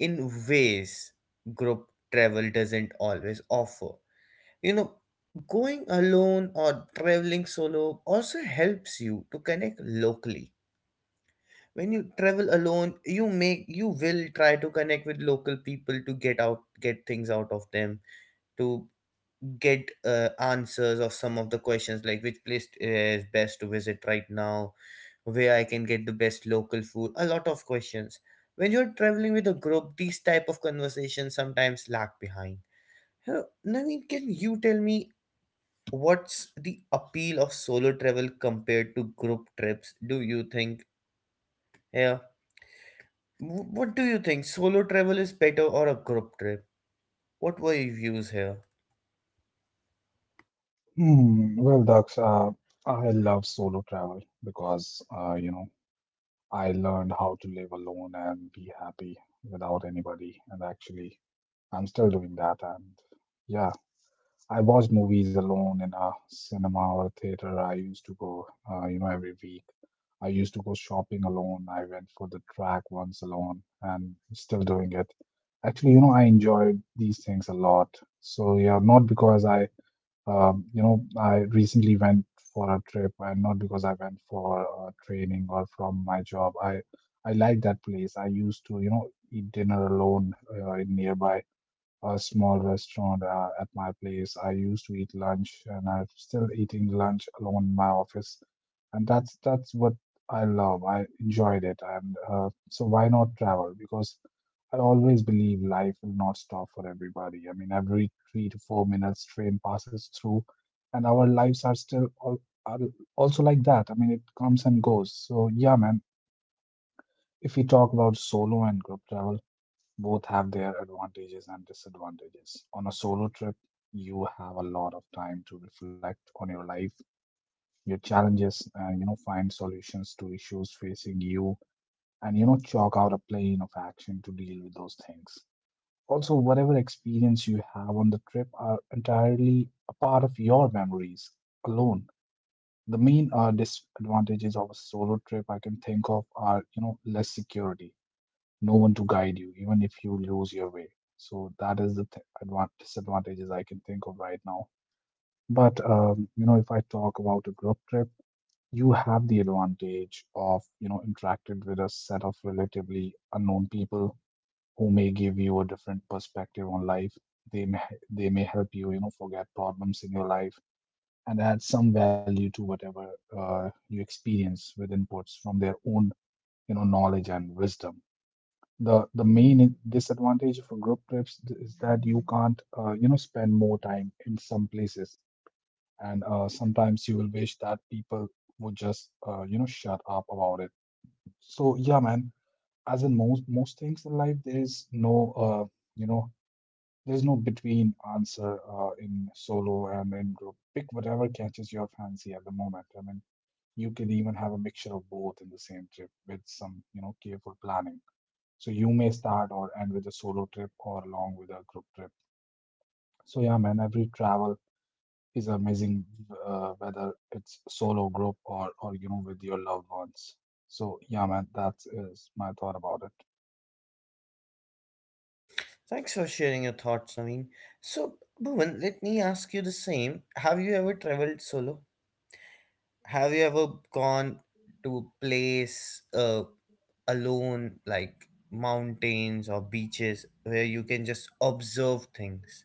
[SPEAKER 1] in ways group travel doesn't always offer. You know, going alone or traveling solo also helps you to connect locally. When you travel alone, you will try to connect with local people to get things out of them, to get answers of some of the questions like which place is best to visit right now, where I can get the best local food, a lot of questions. When you're traveling with a group, these type of conversations sometimes lag behind. Huh, Naveen, can you tell me what's the appeal of solo travel compared to group trips, do you think? Yeah, what do you think, solo travel is better or a group trip? What were your views here?
[SPEAKER 2] Hmm. Well, Dax, I love solo travel because I learned how to live alone and be happy without anybody. And actually, I'm still doing that. And yeah, I watch movies alone in a cinema or a theater. I used to go, every week. I used to go shopping alone. I went for the track once alone and still doing it. Actually, I enjoyed these things a lot. So yeah, not because I I recently went for a trip, and not because I went for training or from my job. I like that place. I used to, eat dinner alone in nearby a small restaurant at my place. I used to eat lunch, and I'm still eating lunch alone in my office, and that's what I love. I enjoyed it, and so why not travel? Because I always believe life will not stop for everybody. I mean, every 3 to 4 minutes, train passes through, and our lives are still all are also like that. I mean, it comes and goes. So yeah, man. If we talk about solo and group travel, both have their advantages and disadvantages. On a solo trip, you have a lot of time to reflect on your life, your challenges, and find solutions to issues facing you, and chalk out a plan of action to deal with those things. Also, whatever experience you have on the trip are entirely a part of your memories alone. The main disadvantages of a solo trip I can think of are, less security, no one to guide you, even if you lose your way. So that is the th- advan disadvantages I can think of right now. But if I talk about a group trip, you have the advantage of interacted with a set of relatively unknown people who may give you a different perspective on life. They may they may help you you know forget problems in your life and add some value to whatever you experience with inputs from their own knowledge and wisdom. The main disadvantage for group trips is that you can't, spend more time in some places, and sometimes you will wish that people would just, shut up about it. So yeah, man. As in most things in life, there is no, uh, you know, there's no between answer in solo and in group. Pick whatever catches your fancy at the moment. I mean, you can even have a mixture of both in the same trip with some, careful planning. So you may start or end with a solo trip or along with a group trip. So yeah, man, every travel is amazing, whether it's solo, group, or with your loved ones. So yeah, man, that is my thought about it.
[SPEAKER 1] Thanks for sharing your thoughts, Naveen. So, Bhuvan, let me ask you the same. Have you ever traveled solo? Have you ever gone to a place alone, like mountains or beaches, where you can just observe things?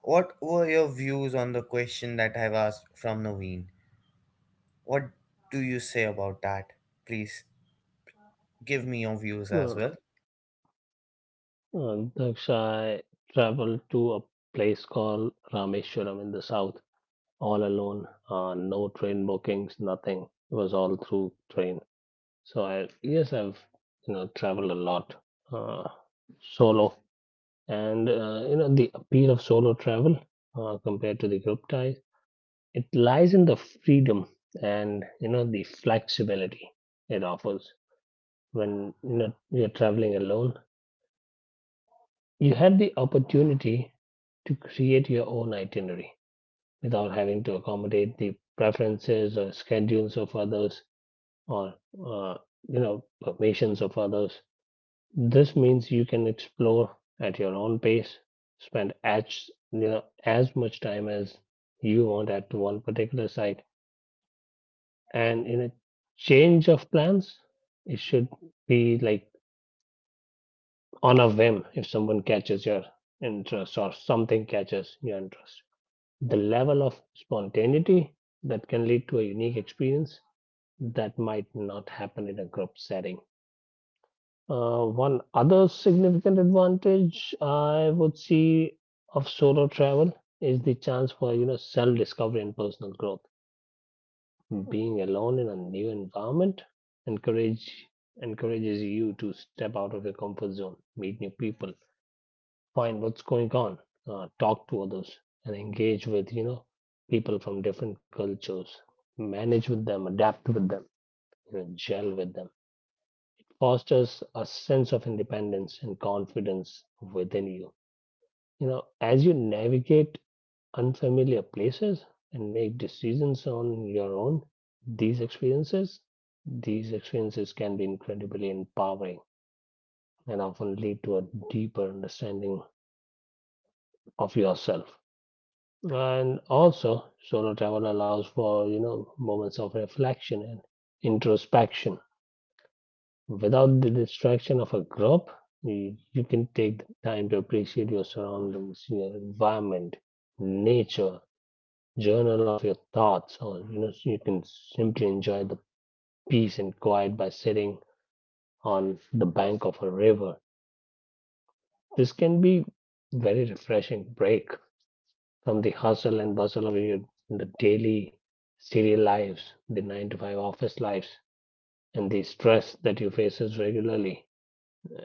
[SPEAKER 1] What were your views on the question that I've asked from Naveen? What do you say about that? Please give me your views as
[SPEAKER 3] Uh,
[SPEAKER 1] well.
[SPEAKER 3] Daksha, I traveled to a place called Rameshwaram in the south, all alone. No train bookings, nothing. It was all through train. So I, yes, I've, you know, traveled a lot, uh, solo, and you know, the appeal of solo travel, compared to the group ties, it lies in the freedom and, you know, the flexibility it offers. When, you know, you're traveling alone, you have the opportunity to create your own itinerary without having to accommodate the preferences or schedules of others, or uh, you know, permissions of others. This means you can explore at your own pace, spend as, you know, as much time as you want at one particular site. And in a change of plans, it should be like on a whim, if someone catches your interest or something catches your interest. The level of spontaneity that can lead to a unique experience that might not happen in a group setting. One other significant advantage I would see of solo travel is the chance for, you know, self-discovery and personal growth. Being alone in a new environment encourage encourages you to step out of your comfort zone, meet new people, find what's going on, talk to others, and engage with, you know, people from different cultures, manage with them, adapt with them, you know, gel with them. Fosters a sense of independence and confidence within you. You know, as you navigate unfamiliar places and make decisions on your own, these experiences, these experiences can be incredibly empowering and often lead to a deeper understanding of yourself. And also, solo travel allows for, you know, moments of reflection and introspection without the distraction of a group. You can take the time to appreciate your surroundings, your environment, nature, journal of your thoughts, or, you know, you can simply enjoy the peace and quiet by sitting on the bank of a river. This can be very refreshing break from the hustle and bustle of your the daily city lives, the 9-to-5 office lives, and the stress that you faces regularly.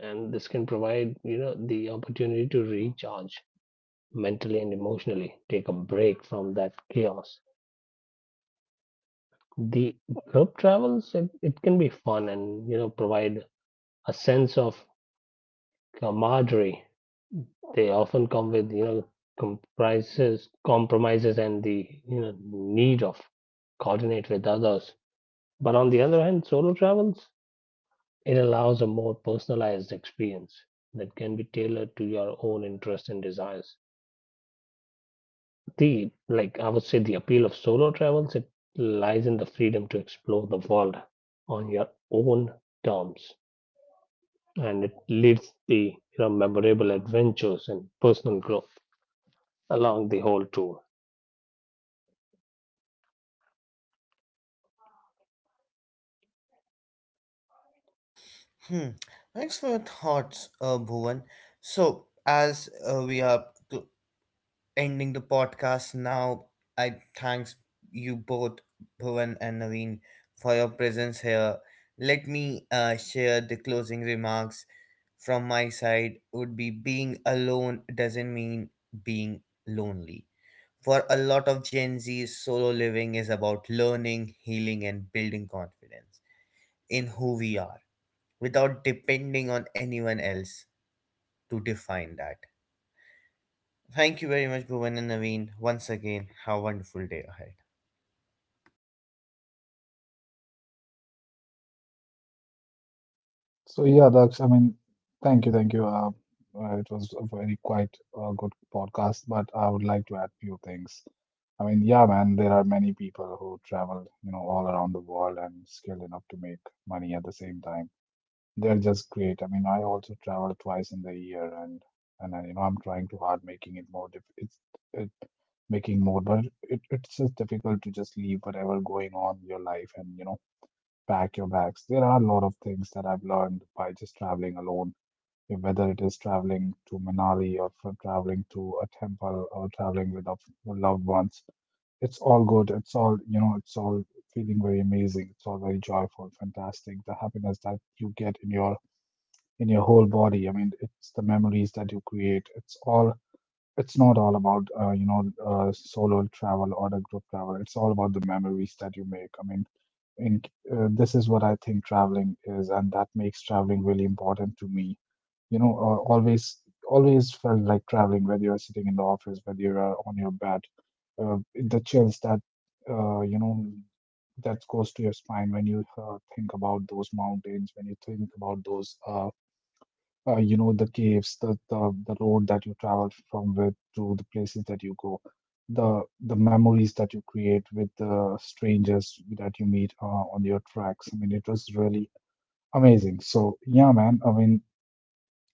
[SPEAKER 3] And this can provide, you know, the opportunity to recharge mentally and emotionally, take a break from that chaos. The group travels, it can be fun and, you know, provide a sense of camaraderie. They often come with, you know, comprises compromises and the, you know, need of coordinate with others. But on the other hand, solo travels, it allows a more personalized experience that can be tailored to your own interests and desires. The, like, I would say the appeal of solo travels, it lies in the freedom to explore the world on your own terms, and it leads the, you know, memorable adventures and personal growth along the whole tour.
[SPEAKER 1] Hmm. Thanks for your thoughts, Bhuvan. So, as we are cl- ending the podcast now. I thanks you both, Bhuvan and Naveen, for your presence here. Let me share the closing remarks from my side. Would be being alone doesn't mean being lonely. For a lot of Gen Z, solo living is about learning, healing, and building confidence in who we are without depending on anyone else to define that. Thank you very much, Bhuvan and Naveen. Once again, have a wonderful day ahead.
[SPEAKER 2] So yeah, Daksh, I mean, thank you. It was a very quite good podcast, but I would like to add few things. I mean, yeah, man, there are many people who travel, all around the world and skilled enough to make money at the same time. They're just great. I mean, I also travel twice in the year, and I, I'm trying too hard making it more it, making more, but it's just difficult to just leave whatever going on in your life and pack your bags. There are a lot of things that I've learned by just traveling alone, whether it is traveling to Manali or for traveling to a temple or traveling with loved ones. It's all good. It's all, it's all feeling very amazing. It's all very joyful, fantastic. The happiness that you get in your whole body. I mean, it's the memories that you create. It's all. It's not all about solo travel or the group travel. It's all about the memories that you make. I mean, in this is what I think traveling is, and that makes traveling really important to me. You know, always felt like traveling, whether you're sitting in the office, whether you're on your bed, the chills that uh, you know that goes to your spine when you think about those mountains, when you think about those. The caves, the road that you travel from with to the places that you go, the memories that you create with the strangers that you meet on your tracks. I mean, it was really amazing. So yeah, man, I mean,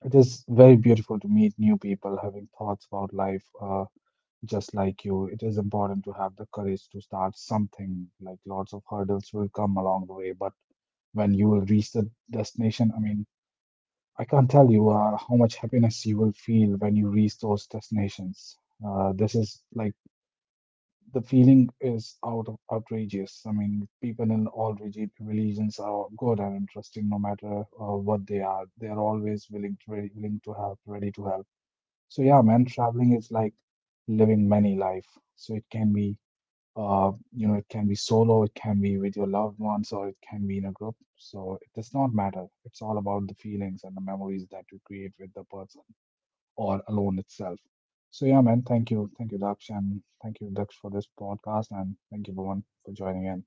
[SPEAKER 2] it is very beautiful to meet new people having thoughts about life. Just like you, it is important to have the courage to start something. Like, lots of hurdles will come along the way, but when you will reach the destination, I mean, I can't tell you how much happiness you will feel when you reach those destinations. This is like the feeling is out of outrageous. I mean, people in all religions are good and interesting, no matter what they are. They are always willing to ready, willing to help, ready to help. So yeah, man, traveling is like living many life. So it can be it can be solo, it can be with your loved ones, or it can be in a group. So it does not matter. It's all about the feelings and the memories that you create with the person or alone itself. So yeah, man, thank you. Thank you, Daksh, and thank you, Daksh, for this podcast, and thank you, everyone, for joining in.